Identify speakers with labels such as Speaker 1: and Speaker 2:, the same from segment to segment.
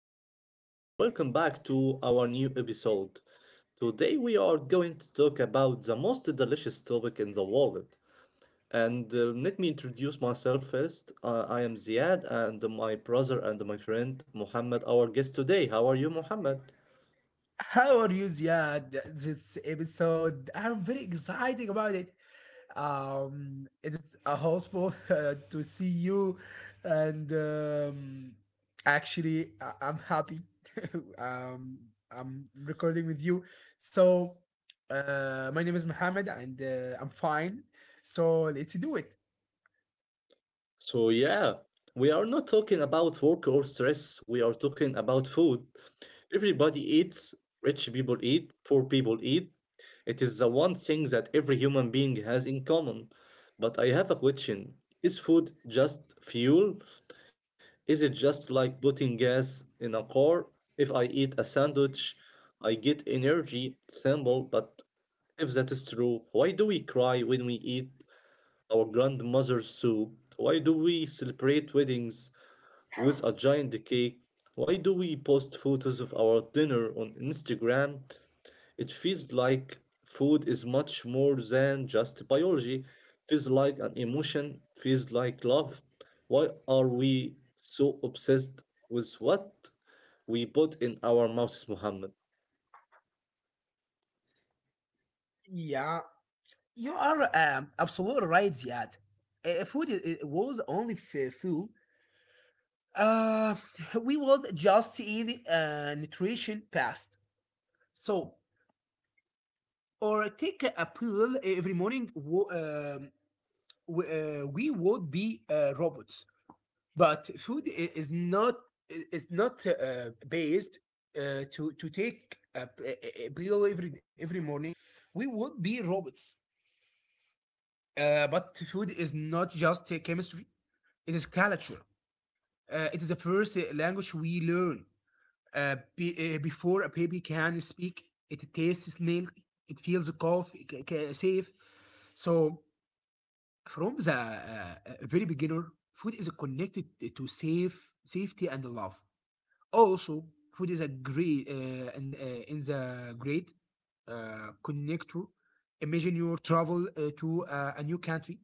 Speaker 1: everyone, and welcome back to our new episode. Today, we are going to talk about the most delicious topic in the world. And Let me introduce myself first. I am Ziad, and my brother and my friend Muhammad, our guest today. How are you, Muhammad?
Speaker 2: How are you, Ziad? This episode, I'm very excited about it. It's a hopeful to see you, and actually, I'm happy. um, I'm recording with you. So, my name is Mohammed, and I'm fine. So let's do it.
Speaker 1: So, yeah, we are not talking about work or stress, we are talking about food. Everybody eats, rich people eat, poor people eat. It is the one thing that every human being has in common. But I have a question. Is food just fuel? Is it just like putting gas in a car? If I eat a sandwich, I get energy, simple, but if that is true, why do we cry when we eat our grandmother's soup? Why do we celebrate weddings with a giant cake? Why do we post photos of our dinner on Instagram? It feels like food is much more than just biology. Feels like an emotion, feels like love. Why are we so obsessed with what we put in our mouths, Muhammad?
Speaker 2: Yeah, you are absolutely right, Ziad. Food was only fuel. Uh, we would just eat nutrition past. So, or take a pill every morning. We would be robots. But food is not based to take a pill every morning. We would be robots. But food is not just chemistry. It is culture. It is the first language we learn. Before a baby can speak, it tastes milk, it feels a cough, safe. So from the very beginner, food is connected to safety and love. Also, food is a great and in the great connector. Imagine you travel to a new country.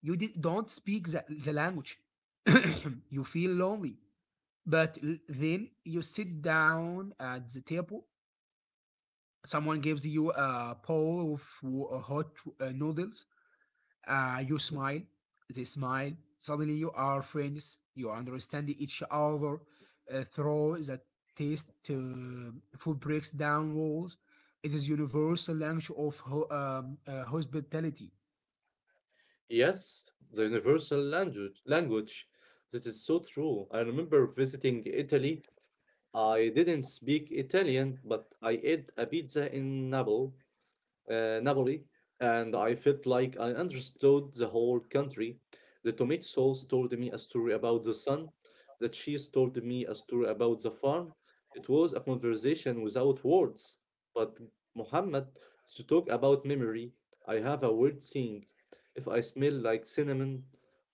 Speaker 2: Don't speak the language. You feel lonely. Then you sit down at the table. Someone gives you a bowl of hot noodles. You smile. They smile. Suddenly you are friends. You understand each other. Through the taste, food breaks down walls. It is universal language of hospitality.
Speaker 1: Yes, the universal language. That is so true. I remember visiting Italy. I didn't speak Italian, but I ate a pizza in Naples, Napoli, and I felt like I understood the whole country. The tomato sauce told me a story about the sun. The cheese told me a story about the farm. It was a conversation without words. But Muhammad, to talk about memory, I have a weird thing. If I smell like cinnamon,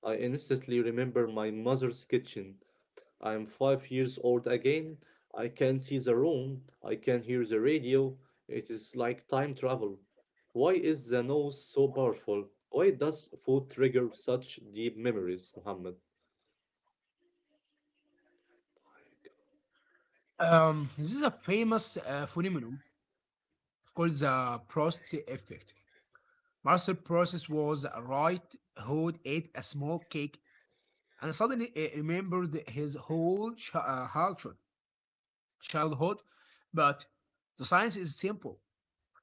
Speaker 1: I instantly remember my mother's kitchen. I'm 5 years old again. I can see the room. I can hear the radio. It is like time travel. Why is the nose so powerful? Why does food trigger such deep memories, Muhammad?
Speaker 2: This is a famous phenomenon called the Prost effect. Marcel Proust was right, who ate a small cake and suddenly remembered his whole childhood. But the science is simple.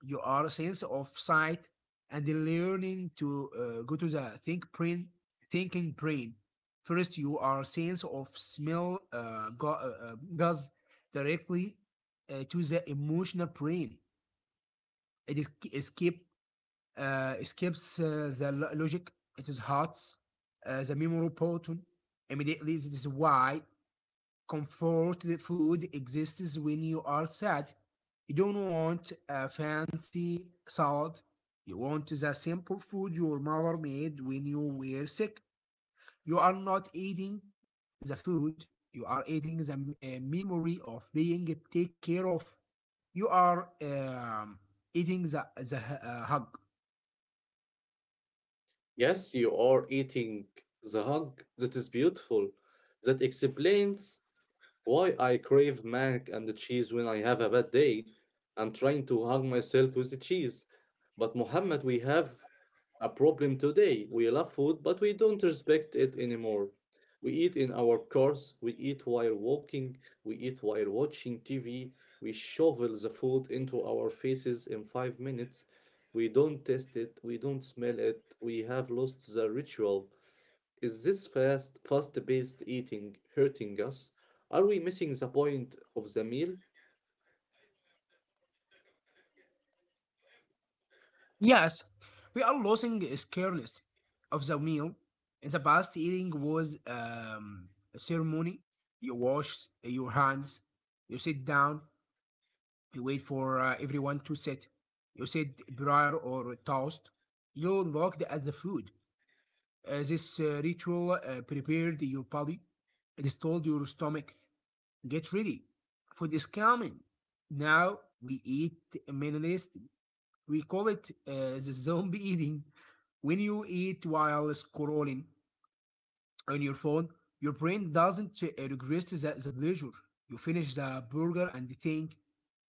Speaker 2: You are a sense of sight and learning to go to the think brain, thinking brain. First, you are sense of smell goes directly to the emotional brain. It is, escape. Skips the logic, it is hearts, the memory proton. Immediately, this is why comfort food exists when you are sad. You don't want a fancy salad. You want the simple food your mother made when you were sick. You are not eating the food. You are eating the memory of being taken care of. You are eating the hug.
Speaker 1: Yes, you are eating the hug. That is beautiful. That explains why I crave mac and the cheese when I have a bad day. I'm trying to hug myself with the cheese. But Muhammad, we have a problem today. We love food, but we don't respect it anymore. We eat in our cars, we eat while walking, we eat while watching TV, we shovel the food into our faces in 5 minutes. We don't taste it, we don't smell it, we have lost the ritual. Is this fast paced eating hurting us? Are we missing the point of the meal?
Speaker 2: Yes, we are losing scariness of the meal. In the past, eating was a ceremony. You wash your hands, you sit down, you wait for everyone to sit. You said prayer or toast. You looked at the food. This ritual prepared your body. It is told your stomach, get ready. Food is coming. Now we eat minimalist, we call it the zombie eating. When you eat while scrolling on your phone, your brain doesn't regress the pleasure. You finish the burger and think,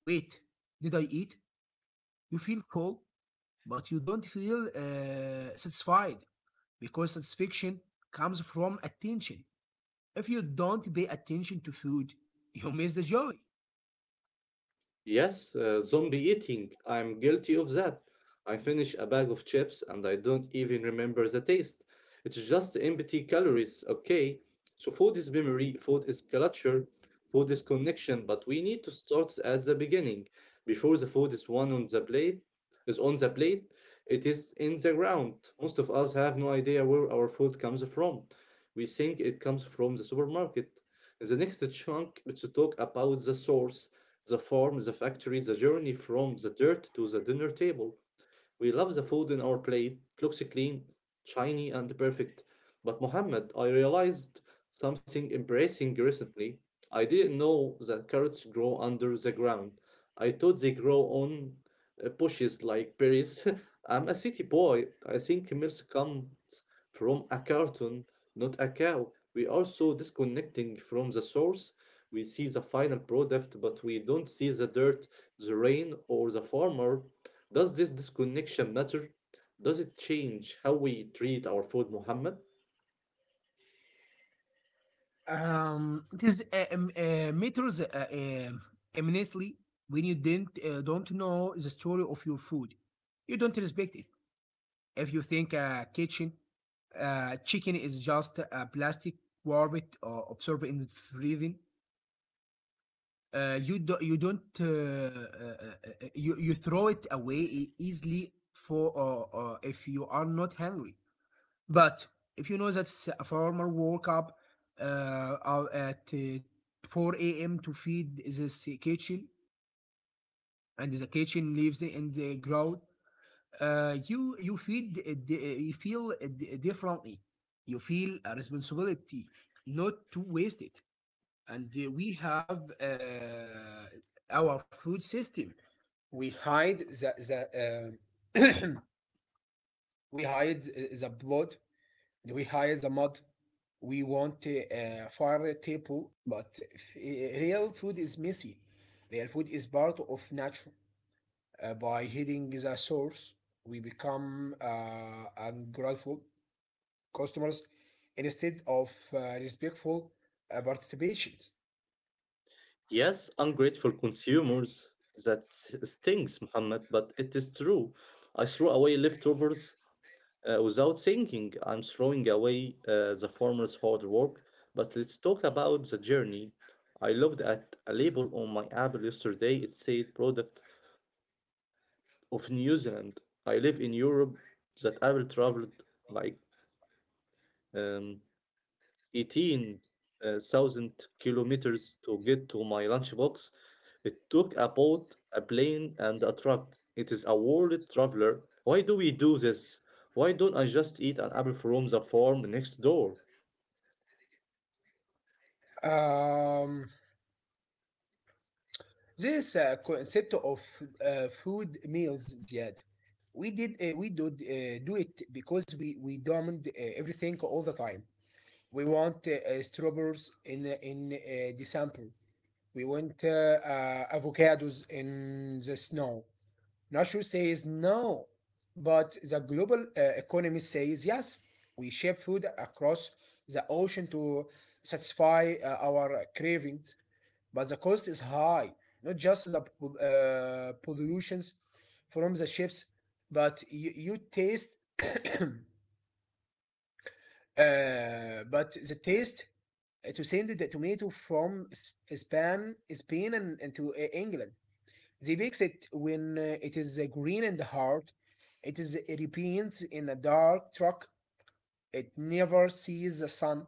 Speaker 2: wait, did I eat? You feel full, but you don't feel satisfied because satisfaction comes from attention. If you don't pay attention to food, you miss the joy.
Speaker 1: Yes, zombie eating. I'm guilty of that. I finish a bag of chips and I don't even remember the taste. It's just empty calories, okay? So food is memory, food is culture, food is connection, but we need to start at the beginning. Before the food is one on the plate, is on the plate, it is in the ground. Most of us have no idea where our food comes from. We think it comes from the supermarket. In the next chunk, let's talk about the source, the farm, the factory, the journey from the dirt to the dinner table. We love the food in our plate. It looks clean, shiny, and perfect. But Mohammed, I realized something embarrassing recently. I didn't know that carrots grow under the ground. I thought they grow on bushes like berries. I'm a city boy. I think milk comes from a carton, not a cow. We are so disconnecting from the source. We see the final product, but we don't see the dirt, the rain, or the farmer. Does this disconnection matter? Does it change how we treat our food, Muhammad?
Speaker 2: It is matters um, immensely. When you didn't don't know the story of your food, you don't respect it. If you think a kitchen chicken is just a plastic warped or observed in freezing, you don't you throw it away easily for if you are not hungry. But if you know that a farmer woke up uh, at 4 a.m. to feed this kitchen, and the kitchen lives in the ground, you feel differently. You feel a responsibility not to waste it. And we have our food system. We hide the um we hide the blood. We hide the mud. We want fire table, but real food is messy. Real food is part of nature. By hitting the source, we become ungrateful customers instead of respectful participations.
Speaker 1: Yes, ungrateful consumers. That stings, Muhammad, but it is true. I threw away leftovers without thinking. I'm throwing away the farmer's hard work. But let's talk about the journey. I looked at a label on my apple yesterday. It said product of New Zealand. I live in Europe. That apple traveled like um, 18,000 kilometers to get to my lunchbox. It took a boat, a plane, and a truck. It is a world traveler. Why do we do this? Why don't I just eat an apple from the farm next door?
Speaker 2: Um, this concept of food meals, Ziad, we did do it because we demand everything all the time. We want strawberries in December. We want avocados in the snow. Nature says no, but the global economy says yes. We ship food across the ocean to satisfy our cravings, but the cost is high. Not just the pollutions from the ships, but you taste, but the taste to send the tomato from Spain and to England. They bakes it when it is green and hard. It remains in a dark truck. It never sees the sun.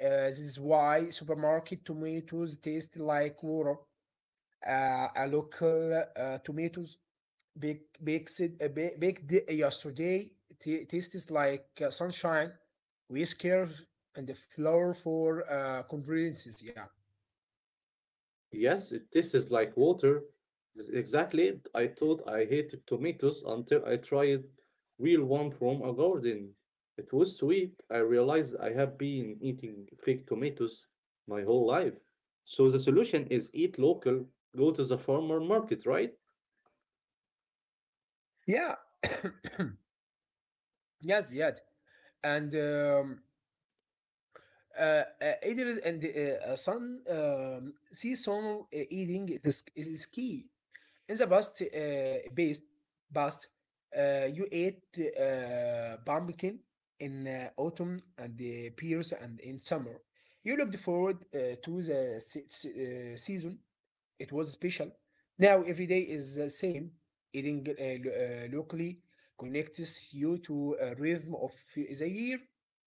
Speaker 2: This is why supermarket tomatoes taste like water. A local tomatoes bakes it, baked yesterday tastes like sunshine. We and the flour for conveniences. Yeah.
Speaker 1: Yes, it tastes like water. This exactly it. I thought I hated tomatoes until I tried real one from a garden. It was sweet. I realized I have been eating fake tomatoes my whole life. So the solution is eat local, go to the farmer market, right?
Speaker 2: Yeah. Yes, yet. And Idris and son, seasonal it is key. In the past, past, you ate pumpkin in autumn and the pears and in summer. You looked forward to the season. It was special. Now every day is the same. Eating locally connects you to a rhythm of the year.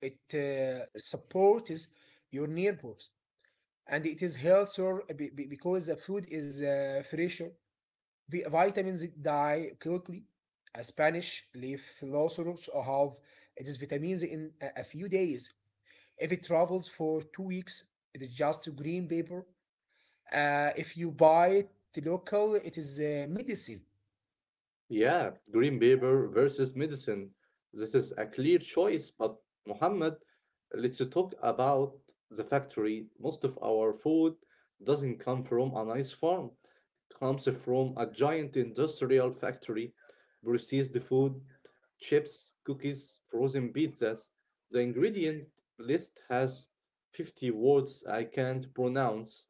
Speaker 2: It supports your nerves, and it is healthier because the food is fresher. The vitamins die quickly. A Spanish leaf loceros have it is vitamins in a few days. If it travels for 2 weeks, it is just green paper. If you buy it local, it is medicine.
Speaker 1: Yeah, green paper versus medicine. This is a clear choice, but Muhammad, let's talk about the factory. Most of our food doesn't come from a nice farm. It comes from a giant industrial factory. Processed food, chips, cookies, frozen pizzas. The ingredient list has 50 words I can't pronounce: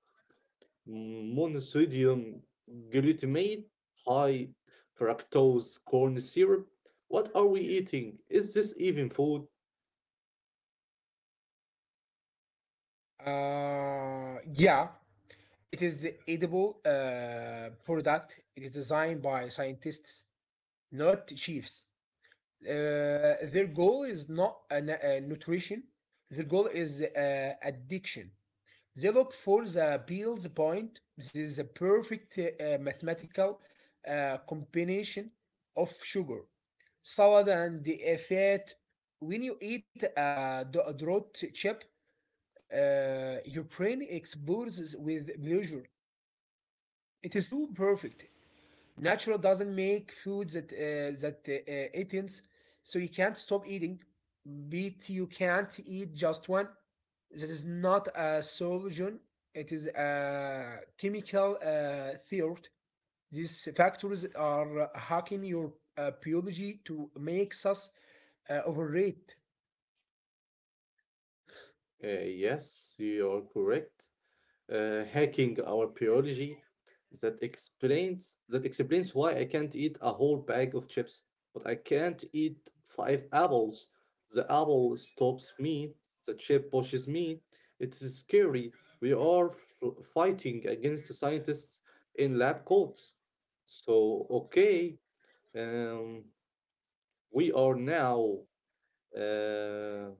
Speaker 1: monosodium glutamate, high fructose corn syrup. What are we eating? Is this even food?
Speaker 2: Yeah, it is the edible product. It is designed by scientists, not chiefs. Uh, their goal is not nutrition. Their goal is addiction. They look for the Beals point. This is a perfect mathematical combination of sugar, salad, and the fat. When you eat a drought chip, your brain explodes with pleasure. It is too perfect. Natural doesn't make food that it ends, so you can't stop eating. But you can't eat just one. This is not a solution. It is a chemical theory. These factors are hacking your biology to make us overrate.
Speaker 1: Yes, you're correct. Hacking our biology, that explains why I can't eat a whole bag of chips, but I can't eat five apples. The apple stops me, the chip pushes me. It's scary. We are fighting against the scientists in lab coats. So okay, um, we are now uh,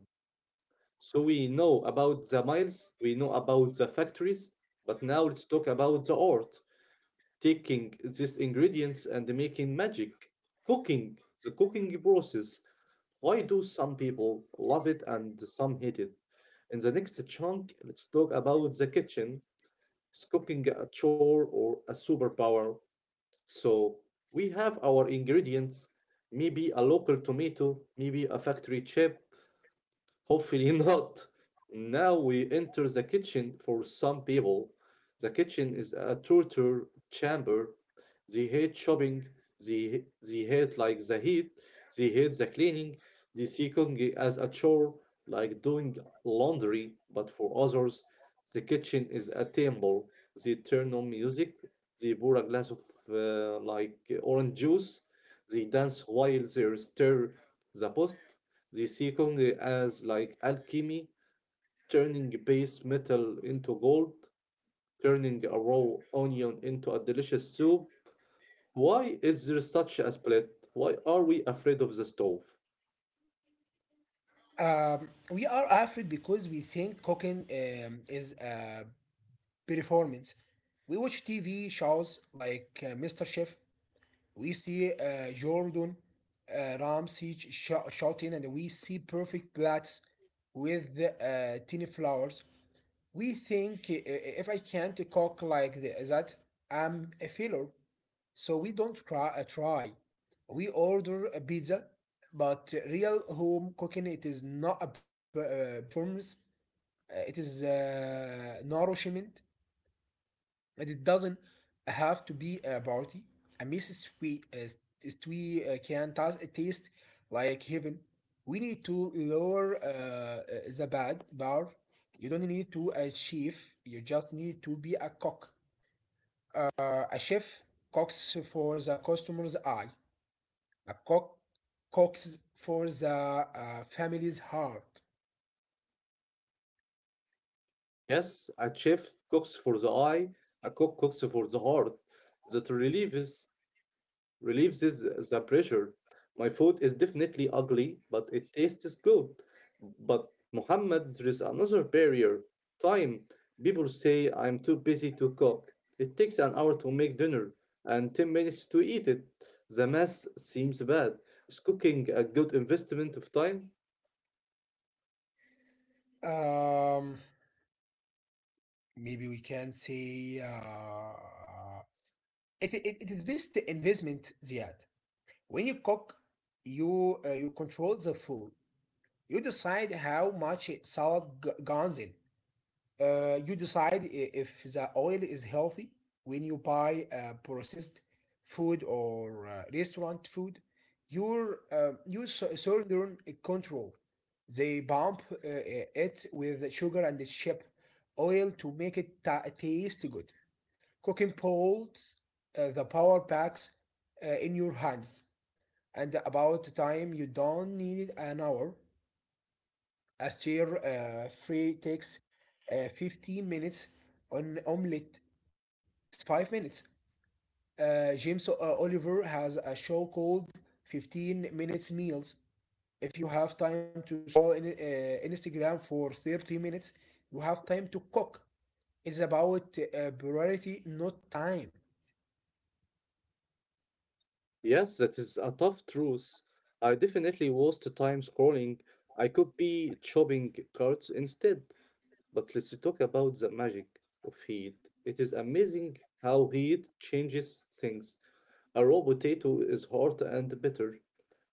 Speaker 1: so we know about the mills, we know about the factories, but now let's talk about the art, taking these ingredients and making magic. Cooking, the cooking process. Why do some people love it and some hate it? In the next chunk, let's talk about the kitchen. Is cooking a chore or a superpower? So we have our ingredients, maybe a local tomato, maybe a factory chip, hopefully not. Now we enter the kitchen. For some people, the kitchen is a torture chamber. They hate shopping. They hate like the heat. They hate the cleaning. They see cooking as a chore, like doing laundry. But for others, the kitchen is a temple. They turn on music. They pour a glass of like orange juice. They dance while they stir the post. They see Kong as like alchemy, turning base metal into gold, turning a raw onion into a delicious soup. Why is there such a split? Why are we afraid of the stove?
Speaker 2: We are afraid because we think cooking is a performance. We watch TV shows like Mr. Chef. We see Jordan Ramsay shouting, and we see perfect plates with tiny flowers. We think if I can't cook like that, I'm a failure. So we don't try. We order a pizza, but real home cooking it is not a performance. It is nourishment. And it doesn't have to be a party. A messy sweet is we can taste like heaven. We need to lower the bad bar. You don't need to achieve. You just need to be a cook. A chef cooks for the customer's eye. A cook cooks for the family's heart.
Speaker 1: Yes, a chef cooks for the eye, a cook cooks for the heart. That relief is. Relieves is- the pressure. My food is definitely ugly, but it tastes good. But Muhammad, there is another barrier. Time. People say I'm too busy to cook. It takes an hour to make dinner and 10 minutes to eat it. The mess seems bad. Is cooking a good investment of time?
Speaker 2: Um, Maybe we can say it is best investment, Ziad. When you cook, you control the food. You decide how much salad goes in. You decide if the oil is healthy. When you buy processed food or restaurant food, you surrender control. They bump it with sugar and chip oil to make it taste good. Cooking pots, the power packs in your hands. And about time, you don't need an hour. A stir fry takes 15 minutes. An omelette takes 5 minutes. James Oliver has a show called 15 Minutes Meals. If you have time to scroll in, Instagram for 30 minutes, you have time to cook. It's about priority, not time.
Speaker 1: Yes, that is a tough truth. I definitely waste time scrolling. I could be chopping carrots instead. But let's talk about the magic of heat. It is amazing how heat changes things. A raw potato is hard and bitter.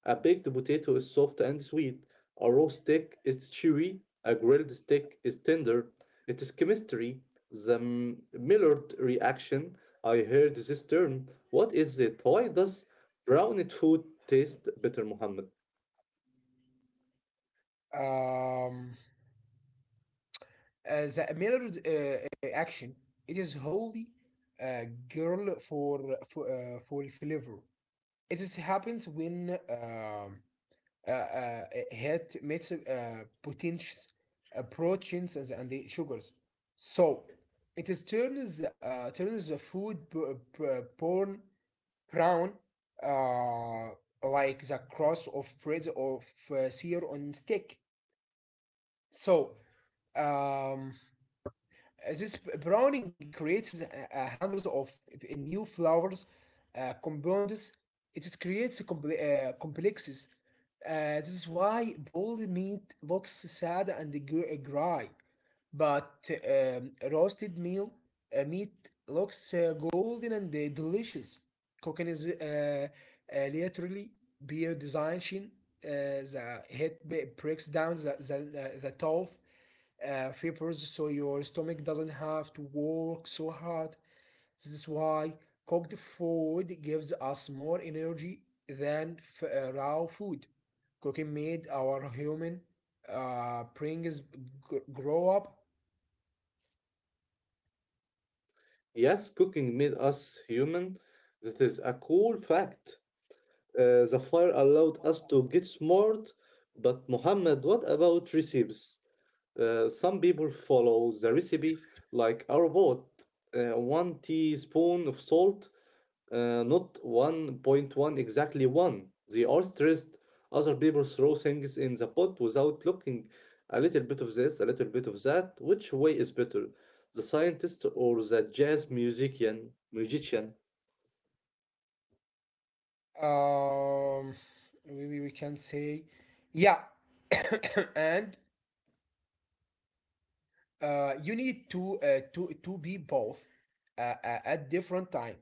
Speaker 1: A baked potato is soft and sweet. A raw steak is chewy. A grilled steak is tender. It is chemistry, the Millard reaction. I heard this term. What is it? Why does browned food taste better, Muhammad?
Speaker 2: Um, the Miller action. It is wholly uh, girl for flavor. It is happens when uh, uh, head meets potentials, proteins and the sugars. So it is turns the food b- b- born brown, uh, like the cross of bread of sear on stick. So um, This browning creates hundreds of new flowers, compounds. It is creates complexes. This is why boiled meat looks sad and dry, but roasted meat looks golden and delicious. Cooking is literally beer design. Shin. The heat breaks down the tough fibers so your stomach doesn't have to work so hard. This is why cooked food gives us more energy than raw food. Cooking made our human brings grow up.
Speaker 1: Yes, cooking made us human. That is a cool fact. The fire allowed us to get smart, but Muhammad, what about recipes? Some people follow the recipe like our boat, one teaspoon of salt, not 1.1, exactly one. They are stressed. Other people throw things in the pot without looking. A little bit of this, a little bit of that. Which way is better, the scientist or the jazz musician?
Speaker 2: Um, Maybe we can say, yeah, and you need to be both at different time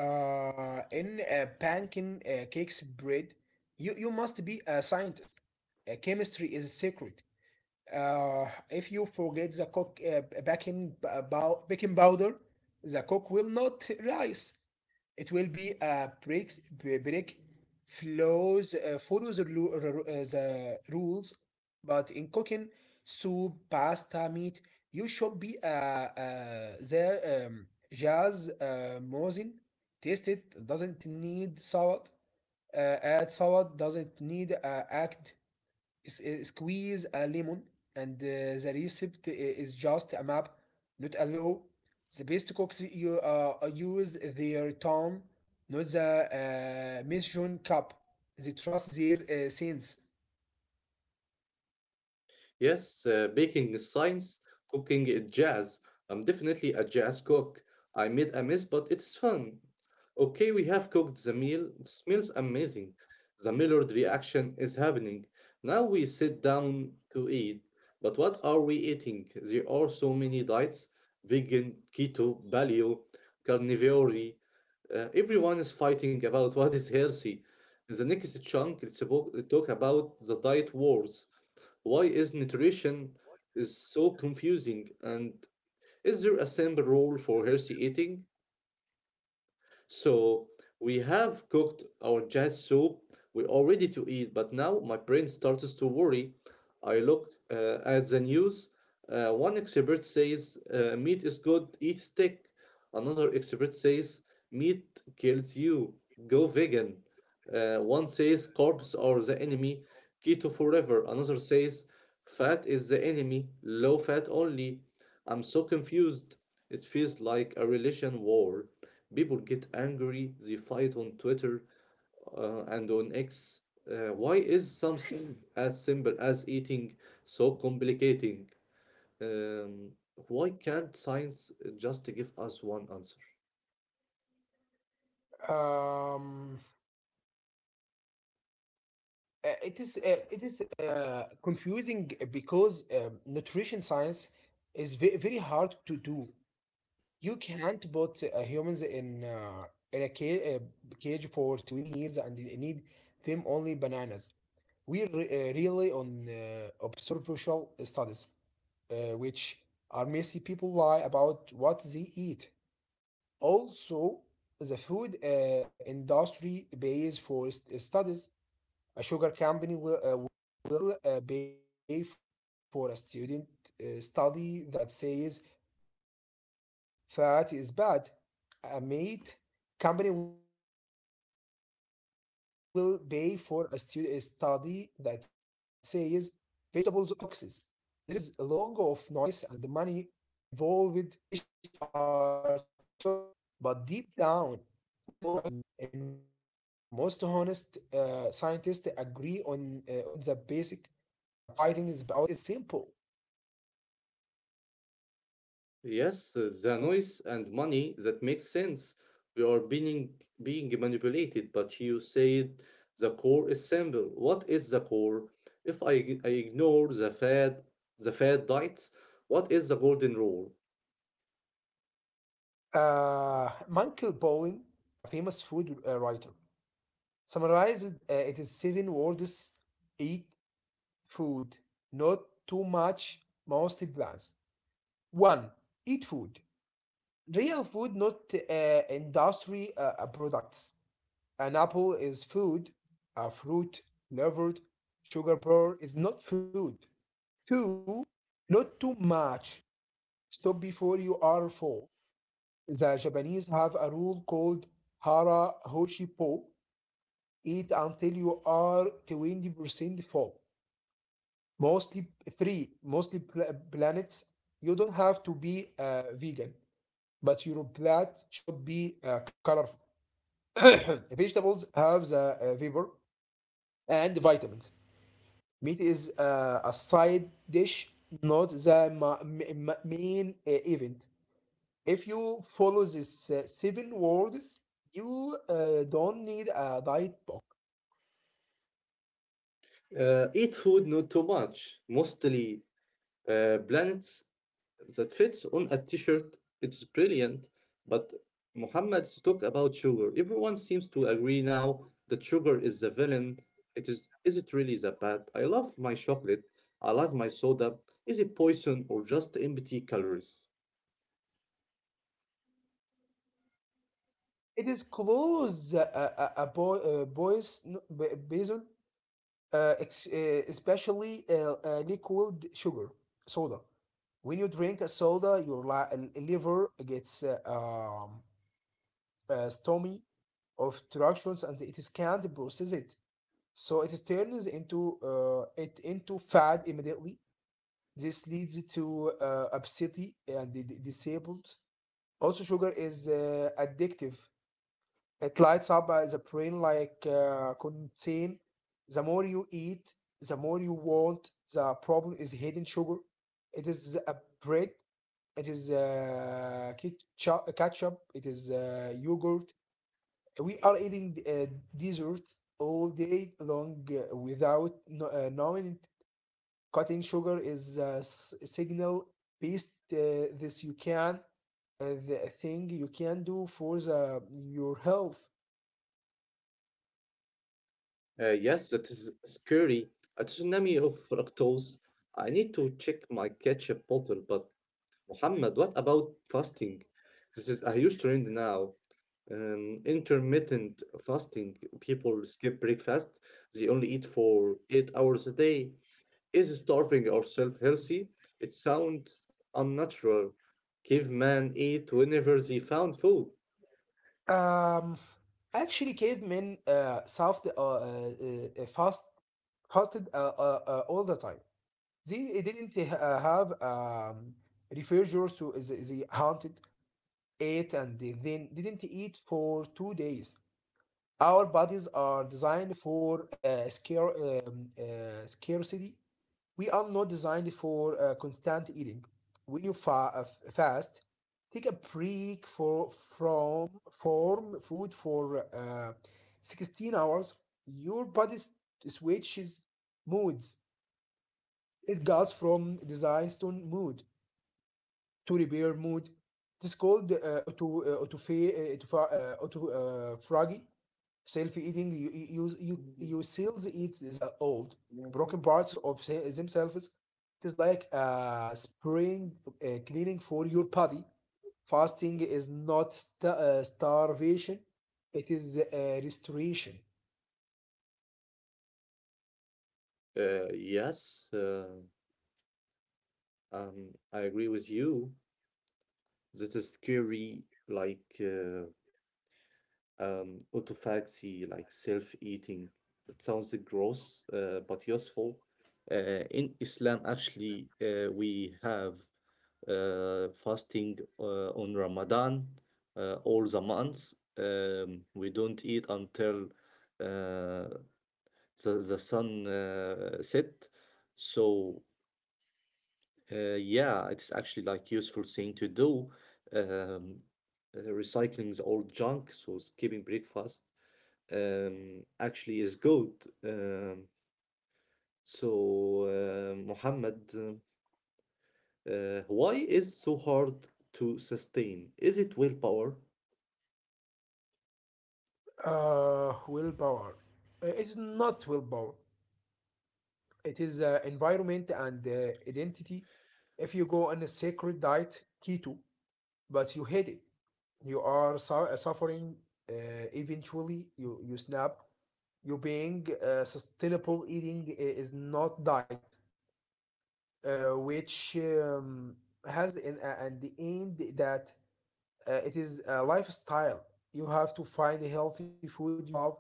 Speaker 2: in banking cakes bread. You must be a scientist. Chemistry is sacred. If you forget the cook baking b- baking powder, the cook will not rise. It will be a break flows follows the, the rules, but in cooking soup, pasta, meat, you should be the jazz mosin. Taste it doesn't need salad. Add salad doesn't need squeeze a lemon and the recipe is just a map, not a law. The best cooks eh, you use their tongue, not the measuring cup. They trust their sense.
Speaker 1: Yes, baking is science, cooking is jazz. I'm definitely a jazz cook. I made a mess, but it's fun. Okay, we have cooked the meal. It smells amazing. The Millard reaction is happening. Now we sit down to eat. But what are we eating? There are so many diets: vegan, keto, paleo, carnivore. Everyone is fighting about what is healthy. In the next chunk, talk about the diet wars. Why is nutrition is so confusing, and is there a simple rule for healthy eating? So we have cooked our jazz soup. We're all ready to eat, but now my brain starts to worry. I look at the news. One expert says meat is good, eat steak. Another expert says meat kills you, go vegan. One says carbs are the enemy, keto forever. Another says fat is the enemy, low fat only. I'm so confused. It feels like a religion war. People get angry, they fight on Twitter and on X. Why is something as simple as eating so complicating? Um, why can't science just give us one answer?
Speaker 2: um, it is confusing because nutrition science is very hard to do. You can't put humans in a cage for 20 years and need them only bananas. We rely on observational studies, which are messy. People lie about what they eat. Also, the food industry pays for studies. A sugar company will pay for a student study that says fat is bad. A meat company will pay for a study that says vegetables are toxic. There is a lot of noise and money involved, but deep down, most honest scientists agree on the basic. The fighting is about the details, but the core is simple.
Speaker 1: Yes, the noise and money, that makes sense. We are being manipulated, but you said the core is simple. What is the core? If I, I ignore the fad diets, what is the golden rule?
Speaker 2: Michael Pollan, a famous food writer, summarized it is seven words: eat food, not too much, mostly plants. One, eat food. Real food, not industry products. An apple is food, a fruit flavored sugar bar is not food. Two, not too much. Stop before you are full. The Japanese have a rule called Hara Hoshi Po: eat until you are 20% full. Mostly free, mostly planets. You don't have to be vegan, but your plate should be colorful. Vegetables have the fiber and vitamins. Meat is a side dish, not the main event. If you follow these seven words, you don't need a diet book.
Speaker 1: Eat food, not too much, mostly plants. That fits on a t-shirt. It's brilliant. But Muhammad talked about sugar. Everyone seems to agree now that sugar is the villain. It Is it really that bad? I love my chocolate. I love my soda. Is it poison or just empty calories?
Speaker 2: It is close, boy, boys, basin, especially liquid sugar, soda. When you drink a soda, your liver gets stormy of directions and it is can't process it. So it is turns into it into fat immediately. This leads to obesity and disabled. Also, sugar is addictive. It lights up as a brain like contain. The more you eat, the more you want. The problem is hidden sugar. It is a bread. It is ketchup. It is yogurt. We are eating dessert all day long without knowing it. Cutting sugar is a signal based. This you can the thing you can do for the your health.
Speaker 1: Yes, that is scary. A tsunami of fructose. I need to check my ketchup bottle, but Muhammad, what about fasting? This is a huge trend now. Intermittent fasting. People skip breakfast. They only eat for 8 hours a day. Is starving ourselves healthy? It sounds unnatural. Cavemen eat whenever they found food.
Speaker 2: Um, Actually, cavemen surfed fast fasted all the time. They didn't have refrigerators, so they hunted, ate, and they then didn't eat for 2 days. Our bodies are designed for scarcity. We are not designed for constant eating. When you fast, take a break for from from food for 16 hours. Your body switches moods. It goes from design to mood to repair mood. This called auto autopha- autopha- auto phagy, self-eating. You seals eat the old broken parts of themselves. It is like a spring cleaning for your body. Fasting is not starvation, it is restoration.
Speaker 1: Uh, yes, uh, I agree with you. This is scary. Like, uh, Autophagy, like self-eating. That sounds gross, but useful. In Islam, actually, we have fasting on Ramadan all the months. We don't eat until uh, the sun set. So yeah, it's actually like useful thing to do. Um, Recycling the old junk, so skipping breakfast actually is good. Um, so, Mohammed, why is so hard to sustain? Is it willpower?
Speaker 2: Willpower It is not willpower, it is environment and identity. If you go on a sacred diet keto but you hate it, you are suffering. uh, Eventually you snap. You being sustainable eating is not diet, which has at the end that it is a lifestyle. You have to find healthy food you love.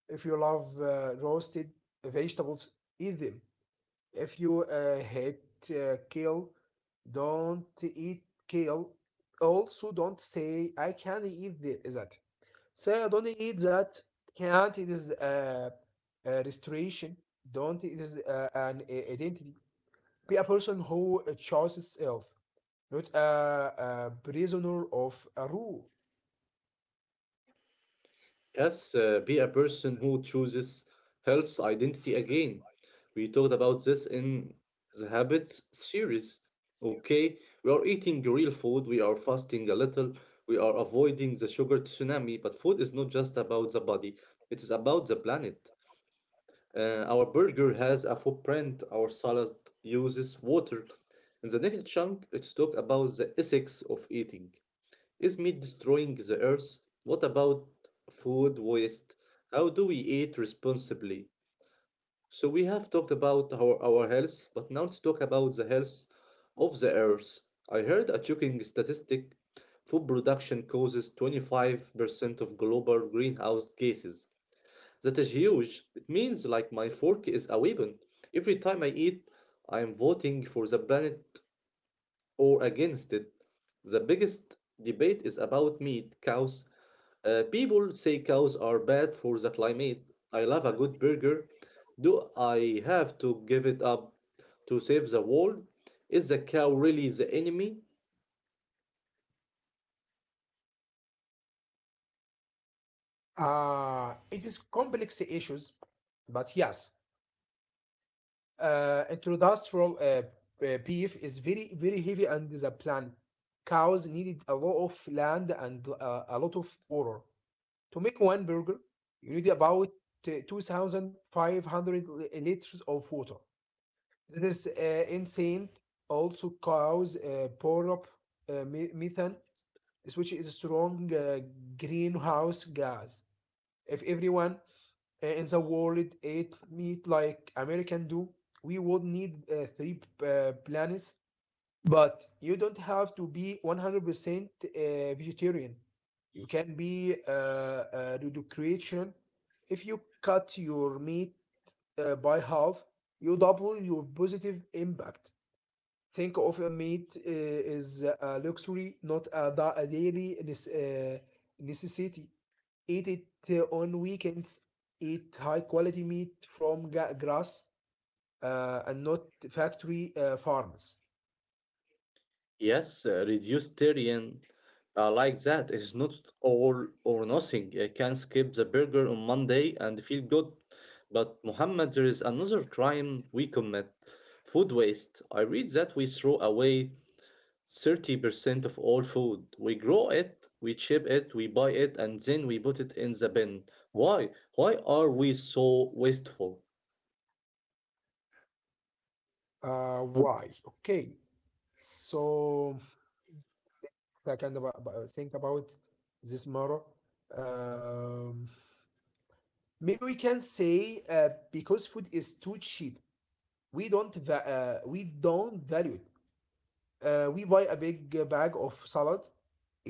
Speaker 2: If you love roasted vegetables, eat them. If you hate kale, don't eat kale. Also, don't say I can't eat that. Say I don't eat that. Can't, it is a restoration. Don't, it is an identity. Be a person who chooses self, not a prisoner of a rule.
Speaker 1: Yes, be a person who chooses health identity again. We talked about this in the habits series. Okay, we are eating real food, we are fasting a little, we are avoiding the sugar tsunami, but food is not just about the body, it is about the planet. Our burger has a footprint, our salad uses water. In the next chunk, let's talk about the ethics of eating. Is meat destroying the earth? What about food waste? How do we eat responsibly? So we have talked about our health, but now let's talk about the health of the earth. I heard a shocking statistic. Food production causes 25% of global greenhouse gases. That is huge. It means like my fork is a weapon. Every time I eat, I am voting for the planet or against it. The biggest debate is about meat, cows, people say cows are bad for the climate. I love a good burger. Do I have to give it up to save the world? Is the cow really the enemy?
Speaker 2: It is complex issues, but yes. Introdustrial beef is very, very heavy and the plant. Cows needed a lot of land and a lot of water. To make one burger, you need about 2,500 liters of water. That is insane. Also, cows pour up methane, which is a strong greenhouse gas. If everyone in the world ate meat like American do, we would need three planets. But you don't have to be 100% vegetarian. You can be reduction. If you cut your meat by half, you double your positive impact. Think of a meat is a luxury, not a daily necessity. Eat it on weekends. Eat high quality meat from grass and not factory farms.
Speaker 1: Yes, reducitarian, like that is not all or nothing. I can skip the burger on Monday and feel good. But Muhammad, there is another crime we commit food waste. I read that we throw away 30% of all food. We grow it, we ship it, we buy it, and then we put it in the bin. Why? Why are we so wasteful?
Speaker 2: Why? Okay. So I kind of think about this matter. Um, Maybe we can say because food is too cheap, we don't va- we don't value it. We buy a big bag of salad,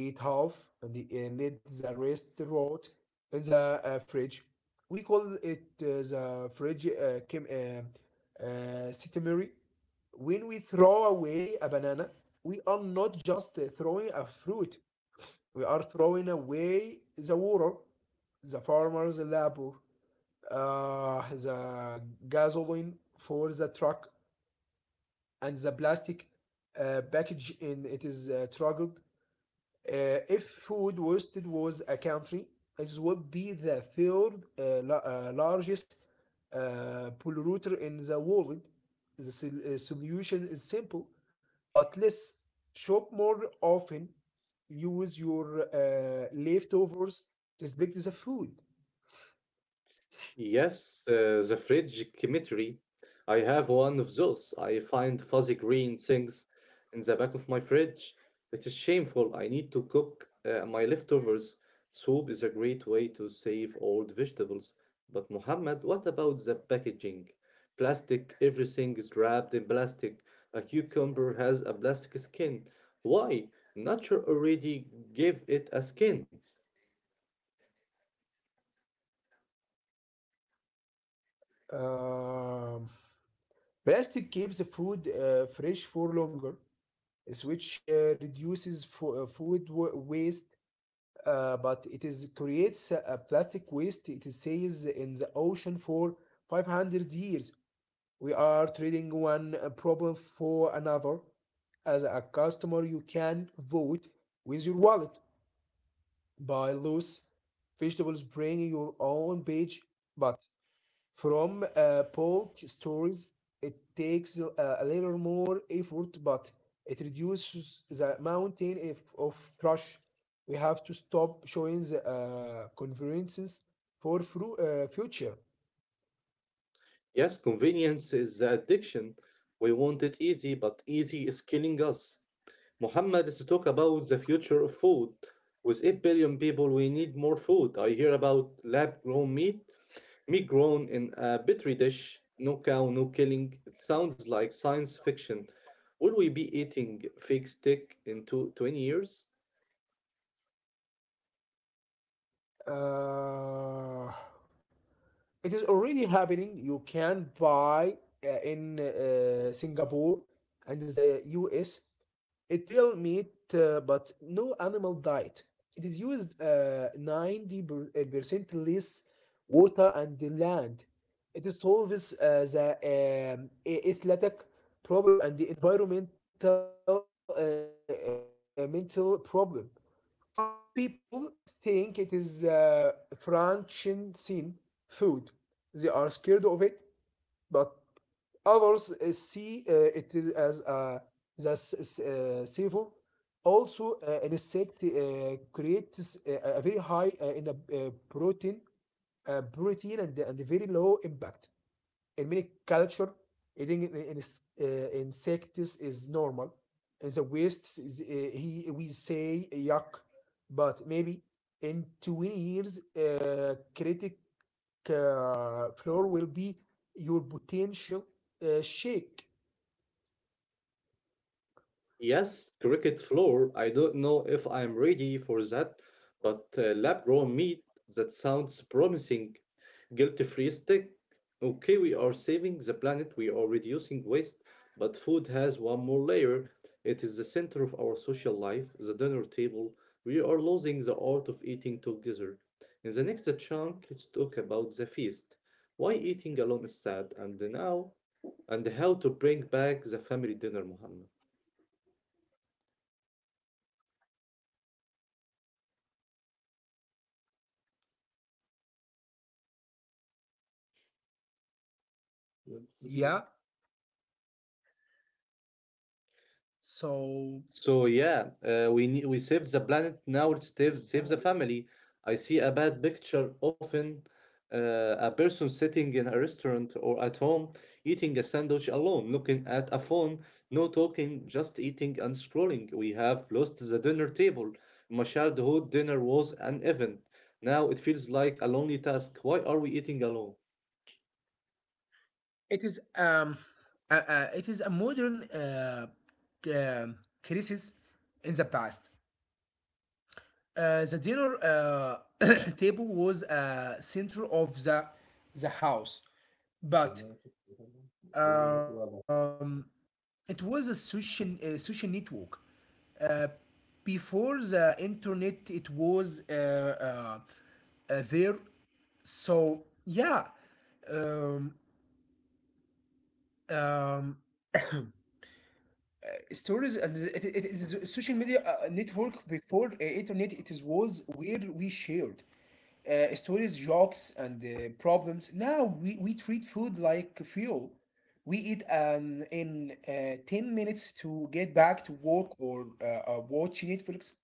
Speaker 2: eat half, and and let the rest rot in the fridge. We call it the fridge systemary. When we throw away a banana, we are not just throwing a fruit, we are throwing away the water, the farmer's labor, the gasoline for the truck, and the plastic package in it is struggled. If food wasted was a country, it would be the third largest polluter in the world. The solution is simple, but let's shop more often, use your leftovers, respect the food.
Speaker 1: Yes, the fridge chemistry. I have one of those. I find fuzzy green things in the back of my fridge. It is shameful. I need to cook my leftovers. Soup is a great way to save old vegetables. But Mohammed, what about the packaging? Plastic, everything is wrapped in plastic. A cucumber has a plastic skin. Why? Nature already gave it a skin.
Speaker 2: Um, Plastic keeps the food fresh for longer. Is which reduces food waste, but it is creates a plastic waste. It is stays in the ocean for 500 years. We are trading one problem for another. As a customer, you can vote with your wallet, buy loose vegetables, bring your own page, but from bulk stores, it takes a little more effort, but it reduces the mountain if, of trash. We have to stop showing the conferences for future.
Speaker 1: Yes, convenience is the addiction. We want it easy, but easy is killing us. Muhammad is to talk about the future of food. With 8 billion people, we need more food. I hear about lab grown meat, meat grown in a petri dish, no cow, no killing. It sounds like science fiction. Will we be eating fake steak in two, 20 years?
Speaker 2: Uh, It is already happening. You can buy in Singapore and the US it real meat, but no animal diet. It is used 90% less water and the land. It solves the athletic problem and the environmental mental problem. Some people think it is Frankenstein food. They are scared of it, but others see it is as a the savor. Also, an insect creates very high uh, protein, protein and a very low impact. In many culture, eating an insects is normal. In the West, is, he we say yuck, but maybe in 20 years, critic floor will be your potential shake.
Speaker 1: Yes, cricket floor. I don't know if I'm ready for that, but lab grown meat, that sounds promising. Guilt free stick. Okay, we are saving the planet, we are reducing waste, but food has one more layer. It is the center of our social life, the dinner table. We are losing the art of eating together. In the next chunk, let's talk about the feast. Why eating alone is sad, and now, and how to bring back the family dinner, Muhammad. Yeah,
Speaker 2: Yeah. So
Speaker 1: so yeah, we saved the planet now. It save the family. I see a bad picture often. A person sitting in a restaurant or at home eating a sandwich alone, looking at a phone, no talking, just eating and scrolling. We have lost the dinner table. In my childhood, dinner was an event. Now it feels like a lonely task. Why are we eating alone?
Speaker 2: it is um it is a modern um crisis. In the past, the dinner table was a center of the house, but um, it was a social social network. Uh, Before the internet, it was there. So yeah, um, um, stories and it is a social media network before internet. It is was where we shared stories, jokes, and problems. Now we treat food like fuel. We eat in 10 minutes to get back to work or watch Netflix.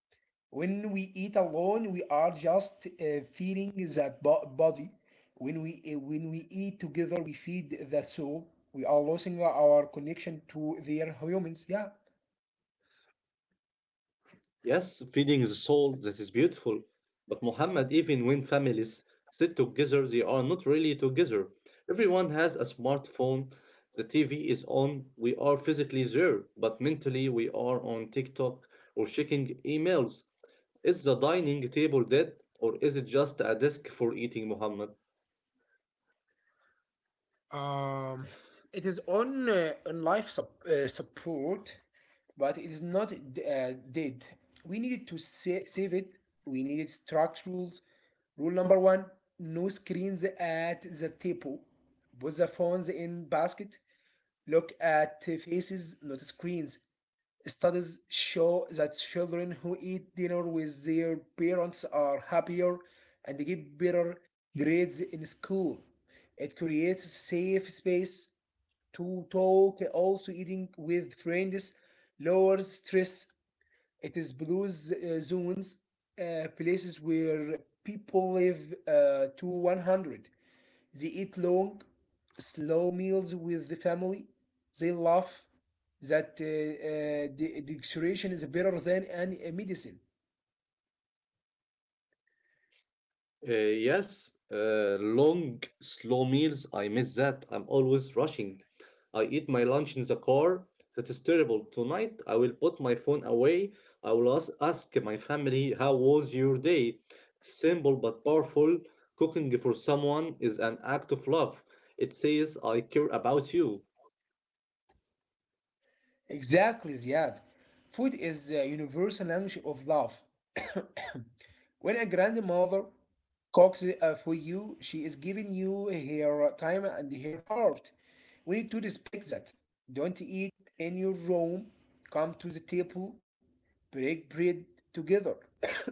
Speaker 2: When we eat alone, we are just feeding the body. When we eat together, we feed the soul. We are losing our connection to their humans. Yeah.
Speaker 1: Yes, feeding the soul, that is beautiful. But Muhammad, even when families sit together, they are not really together. Everyone has a smartphone, the TV is on, we are physically there, but mentally we are on TikTok or checking emails. Is the dining table dead, or is it just a desk for eating, Muhammad?
Speaker 2: Um, it is on life support, but it is not dead. We needed to save it. We needed strict rules. Rule number one: no screens at the table. Put the phones in basket. Look at faces, not screens. Studies show that children who eat dinner with their parents are happier and get better grades in school. It creates a safe space to talk. Also, eating with friends lowers stress. It is blue zones, places where people live to 100. They eat long, slow meals with the family. They laugh that the dictation is better than any medicine.
Speaker 1: Yes, long, slow meals. I miss that. I'm always rushing. I eat my lunch in the car. That is terrible. Tonight, I will put my phone away. I will ask my family, how was your day? Simple but powerful. Cooking for someone is an act of love. It says, I care about you.
Speaker 2: Exactly, Ziad. Food is the universal language of love. When a grandmother cooks for you, she is giving you her time and her heart. We need to respect that. Don't eat in your room. Come to the table. Break bread together.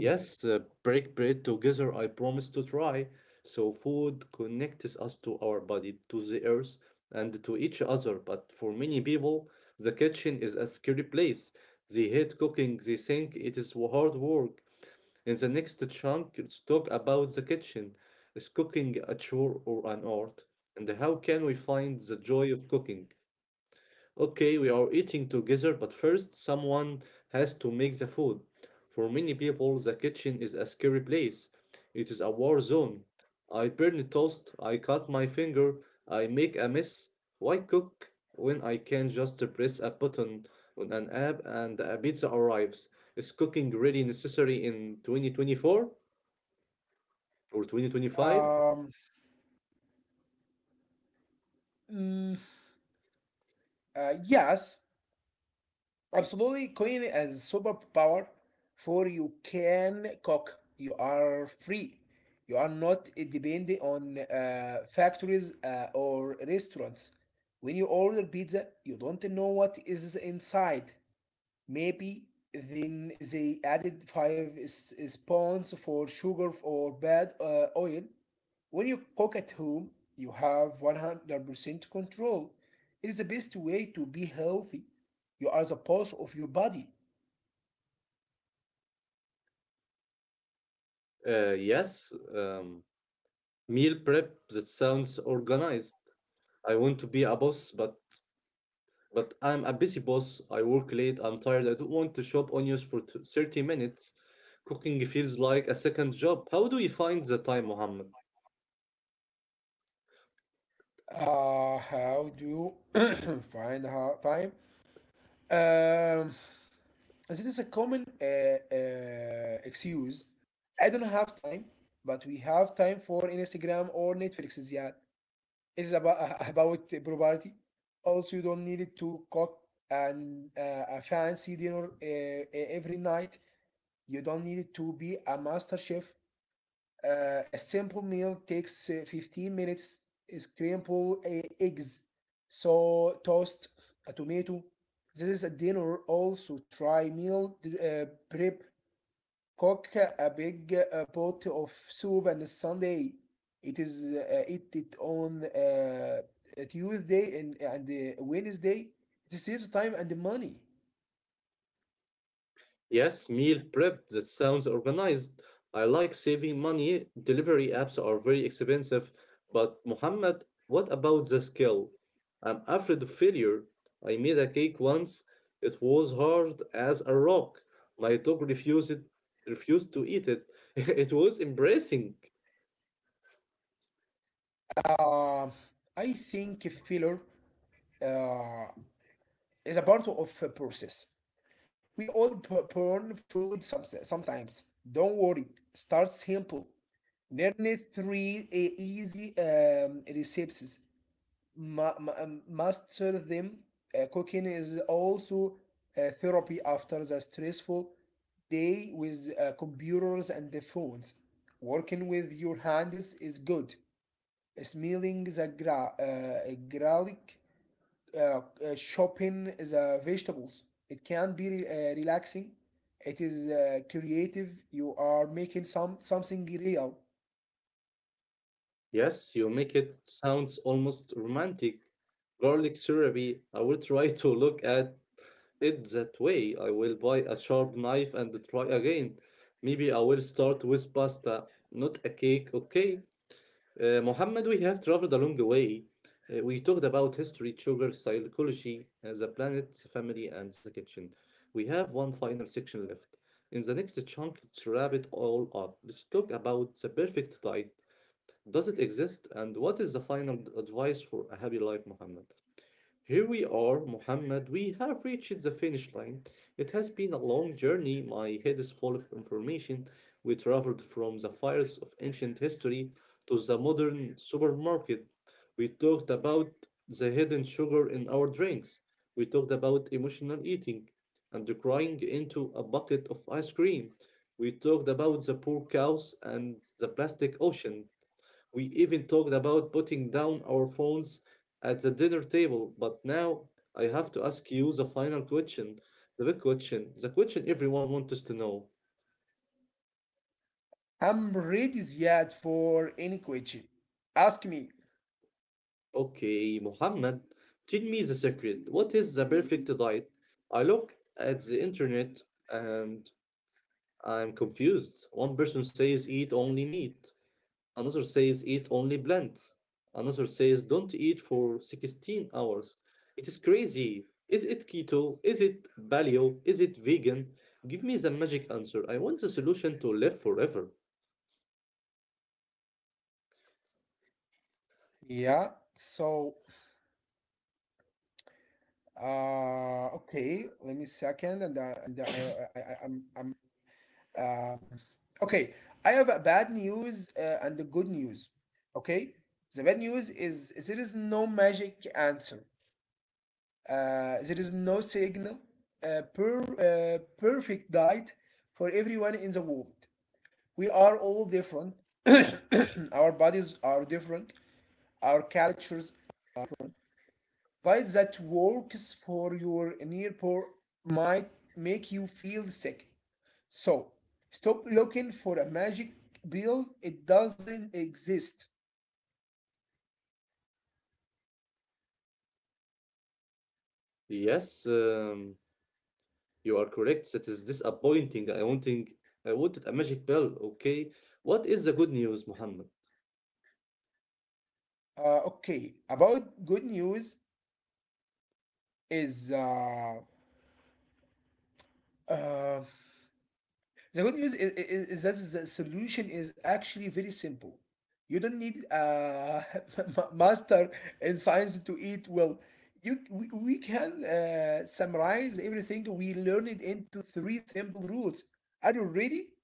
Speaker 1: Yes, break bread together. I promise to try. So food connects us to our body, to the earth, and to each other. But for many people, the kitchen is a scary place. They hate cooking. They think it is hard work. In the next chunk, let's talk about the kitchen. Is cooking a chore or an art? And how can we find the joy of cooking? Okay, we are eating together, but first someone has to make the food. For many people, the kitchen is a scary place. It is a war zone. I burn toast, I cut my finger, I make a mess. Why cook when I can just press a button on an app and a pizza arrives? Is cooking really necessary in 2024 or 2025?
Speaker 2: Um, Mm, yes, absolutely. Coin as superpower, for you can cook. You are free. You are not dependent on factories or restaurants. When you order pizza, you don't know what is inside. Maybe then they added five spoons for sugar or bad oil. When you cook at home, you have 100% control. It is the best way to be healthy. You are the boss of your body.
Speaker 1: Yes. Meal prep that sounds organized. I want to be a boss, but I'm a busy boss. I work late. I'm tired. I don't want to shop onions for 30 minutes. Cooking feels like a second job. How do you find the time, Mohammed?
Speaker 2: How do you find time? Um, this is a common excuse. I don't have time, but we have time for Instagram or Netflix. Yeah. Is about about property. Also, you don't need it to cook and a fancy dinner every night. You don't need it to be a master chef. A simple meal takes 15 minutes. Scramble eggs, so toast, a tomato. This is a dinner. Also, try meal prep, cook a big pot of soup on Sunday. It is Eat it on Tuesday and Wednesday. It saves time and money.
Speaker 1: Yes, meal prep. That sounds organized. I like saving money. Delivery apps are very expensive. But, Mohammed, what about the skill? I'm afraid of failure. I made a cake once. It was hard as a rock. My dog refused to eat it. It was embarrassing.
Speaker 2: Uh, I think failure uh, is a part of a process. We all burn food sometimes. Don't worry. Start simple. Learn three easy recipes. Ma ma Must serve them. Cooking is also a therapy after the stressful day with computers and the phones. Working with your hands is good. Smelling the garlic, uh, uh, chopping the vegetables, it can be relaxing. It is creative. You are making something real.
Speaker 1: Yes, you make it sounds almost romantic. Garlic therapy. I will try to look at it that way. I will buy a sharp knife and try again. Maybe I will start with pasta, not a cake. Okay. Mohammed, we have traveled a long way. We talked about history, sugar, psychology, the planet, family, and the kitchen. We have one final section left. In the next chunk, let's wrap it all up. Let's talk about the perfect diet. Does it exist? And what is the final advice for a happy life, Muhammad? Here we are, Muhammad. We have reached the finish line. It has been a long journey. My head is full of information. We traveled from the fires of ancient history to the modern supermarket. We talked about the hidden sugar in our drinks. We talked about emotional eating and the crying into a bucket of ice cream. We talked about the poor cows and the plastic ocean. We even talked about putting down our phones at the dinner table, but now I have to ask you the final question, the big question, the question everyone wants to know.
Speaker 2: I'm ready, Ziad, for any question. Ask me.
Speaker 1: Okay, Muhammad, tell me the secret. What is the perfect diet? I look at the internet and I'm confused. One person says eat only meat. Another says eat only plants. Another says don't eat for 16 hours. It is crazy. Is it keto? Is it paleo? Is it vegan? Give me the magic answer. I want the solution to live forever.
Speaker 2: Yeah. So, okay. Let me second, and I'm, um, okay. I have a bad news and the good news. Okay. The bad news is there is no magic answer. There is no signal. Perfect diet for everyone in the world. We are all different. Our bodies are different. Our cultures, but that works for your nearpor might make you feel sick. So stop looking for a magic pill. It doesn't exist.
Speaker 1: Yes, you are correct. That is disappointing. I wanted a magic pill. Okay. What is the good news, Muhammad?
Speaker 2: Okay. About good news is uh, The good news is that the solution is actually very simple. You don't need a master in science to eat well. We can summarize everything we learned into three simple rules. Are you ready?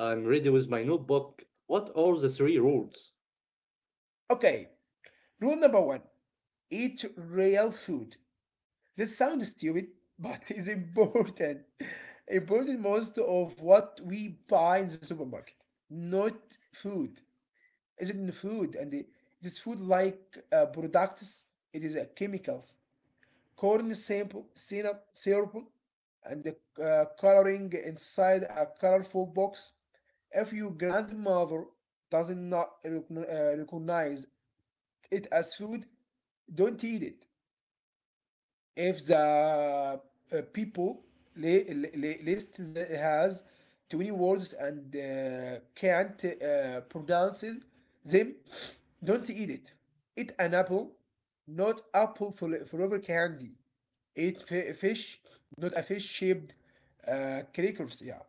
Speaker 1: I'm ready with my notebook. What are the three rules?
Speaker 2: Okay. Rule number one: eat real food. This sounds stupid, but it's important. Important most of what we buy in the supermarket, not food. Is it in the food and this food like products, it is chemicals, corn sample syrup and the coloring inside a colorful box. If your grandmother does not recognize it as food, don't eat it. If the people list the has 20 words and can't pronounce them, don't eat it. Eat an apple, not apple for forever candy. Eat fish, not a fish shaped crackers. Yeah.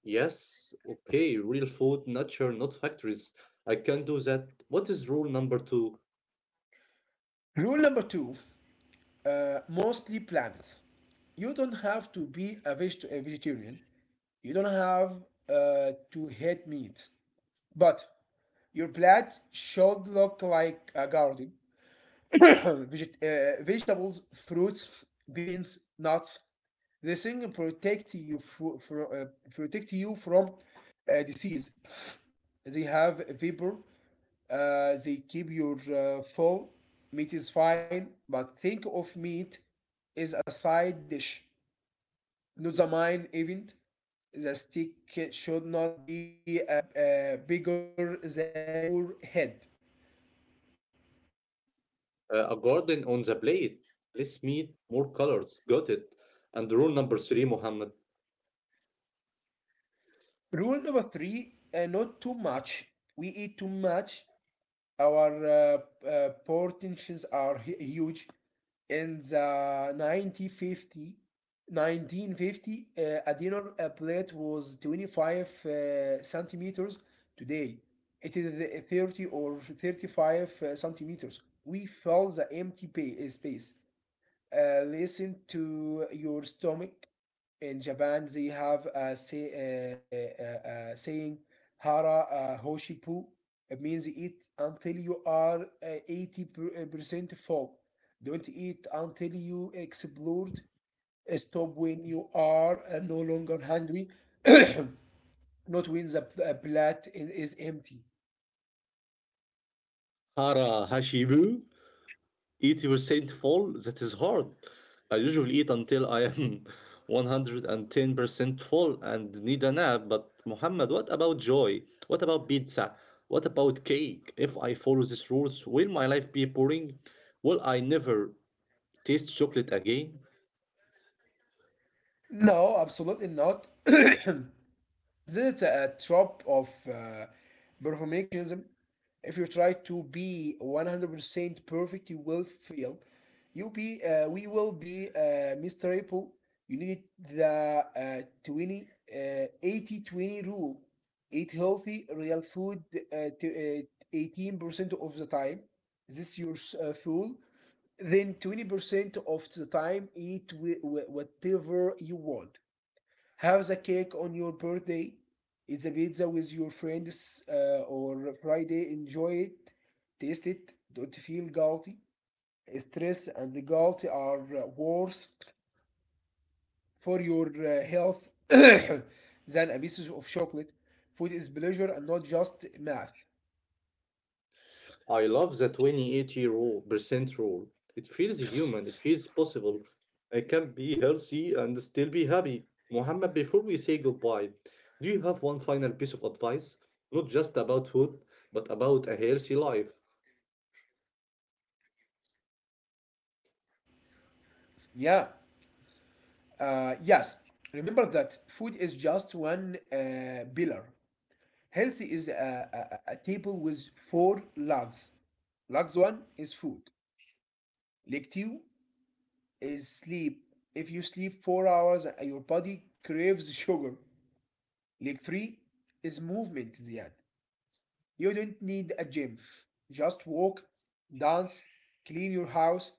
Speaker 1: Yes, okay, real food, nature, not factories. I can do that. What is rule number two?
Speaker 2: Rule number two: mostly plants. You don't have to be a vegetarian. You don't have to hate meat. But your plate should look like a garden. Vegetables, fruits, beans, nuts. This thing protect you from disease. They have vapor. They keep your full. Meat is fine, but think of meat as a side dish, not the main event. The stick should not be bigger than your head.
Speaker 1: A garden on the plate. Less meat, more colors. Got it. And rule number three, Mohammed.
Speaker 2: Rule number three: not too much. We eat too much. Our portions are huge. In the 1950, a dinner plate was 25 centimeters. Today, it is 30 or 35 centimeters. We fill the empty space. Listen to your stomach. In Japan, they have a saying, "hara hoshipu." It means eat until you are 80 percent full. Don't eat until you explode. Stop when you are no longer hungry, not when the plate is empty.
Speaker 1: Hara Hashibu. 80% full. That is hard. I usually eat until I am 110% full and need a nap. But, Mohammed, what about joy? What about pizza? What about cake? If I follow these rules, will my life be boring? Will I never taste chocolate again?
Speaker 2: No, absolutely not. This is a trap of perfectionism. If you try to be 100% perfect, you will fail. You be we will be miserable. You need the 20 80 20 rule. Eat healthy, real food to, 18 percent of the time. This your fuel. Then 20% of the time, eat whatever you want. Have the cake on your birthday, eat the pizza with your friends or Friday, enjoy it, taste it, don't feel guilty. Stress and the guilt are worse for your health than a piece of chocolate. Food is pleasure and not just math.
Speaker 1: I love the 2080 rule, percent rule. It feels human, it feels possible. I can be healthy and still be happy. Muhammad, before we say goodbye, do you have one final piece of advice? Not just about food, but about a healthy life.
Speaker 2: Yeah, yes. Remember that food is just one pillar. Health is a table with four legs. Legs one is food. Like two is sleep. If you sleep 4 hours, your body craves sugar. Leg three is movement, Ziad. You don't need a gym. Just walk, dance, clean your house,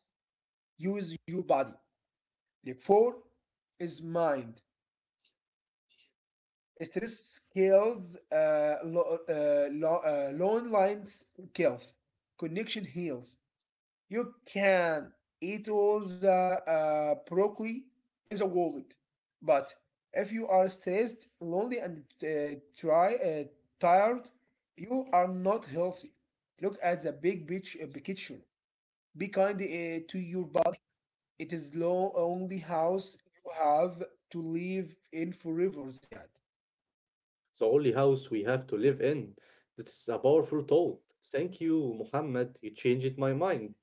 Speaker 2: use your body. Leg four is mind. Stress kills, long lines kills. Connection heals. You can eat all the broccoli in the world, but if you are stressed, lonely, and tired, you are not healthy. Look at the big picture. Be kind to your body. It is the only house you have to live in forever, Ziad.
Speaker 1: The only house we have to live in. This is a powerful thought. Thank you, Muhammad. You changed my mind.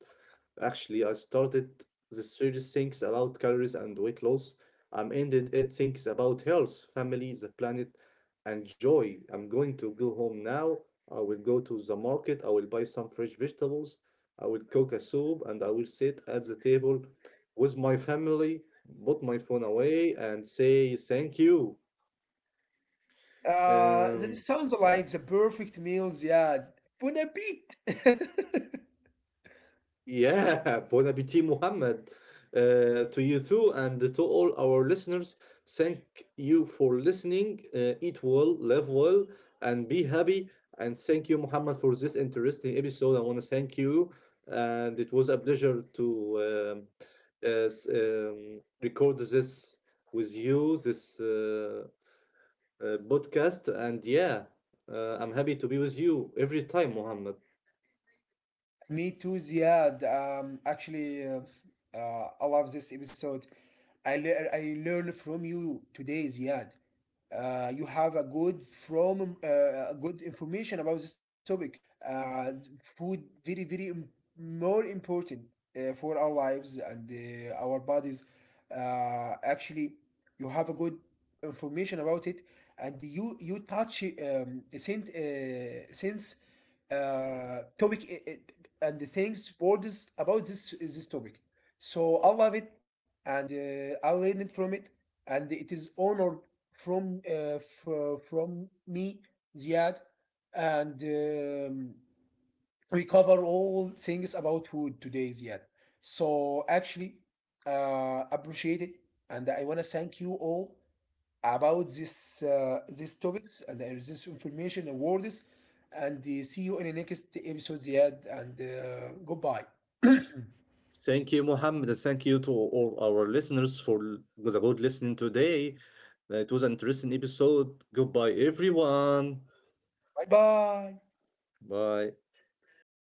Speaker 1: Actually, I started the series thinks about calories and weight loss. I'm ended it thinks about health, family, the planet, and joy. I'm going to go home now. I will go to the market. I will buy some fresh vegetables. I will cook a soup and I will sit at the table with my family, put my phone away and say thank you.
Speaker 2: That
Speaker 1: Um,
Speaker 2: sounds like the perfect meal, Ziad. Bon appetit!
Speaker 1: Yeah, bon appétit, Mohammed. To you too, and to all our listeners, thank you for listening. Eat well, live well, and be happy. And thank you, Mohammed, for this interesting episode. I want to thank you, and it was a pleasure to record this with you, this podcast. And yeah, I'm happy to be with you every time, Mohammed.
Speaker 2: Me too, Ziad. Actually, I love this episode. I learn from you today, Ziad. You have a good from a good information about this topic. Uh, food very very more important for our lives and our bodies. Actually, you have a good information about it, and you touch since topic and the things words about this topic. So I love it and I learned from it, and it is honored from me, Ziad, and we cover all things about food today, Ziad. So actually, appreciate it, and I wanna thank you all about this these topics and this information and words. And see you in the next episode, Ziad. And goodbye. Bye
Speaker 1: Thank you, Mohammed. And Thank you to all our listeners for the good listening today. It was an interesting episode. Goodbye, everyone.
Speaker 2: bye.
Speaker 1: Bye.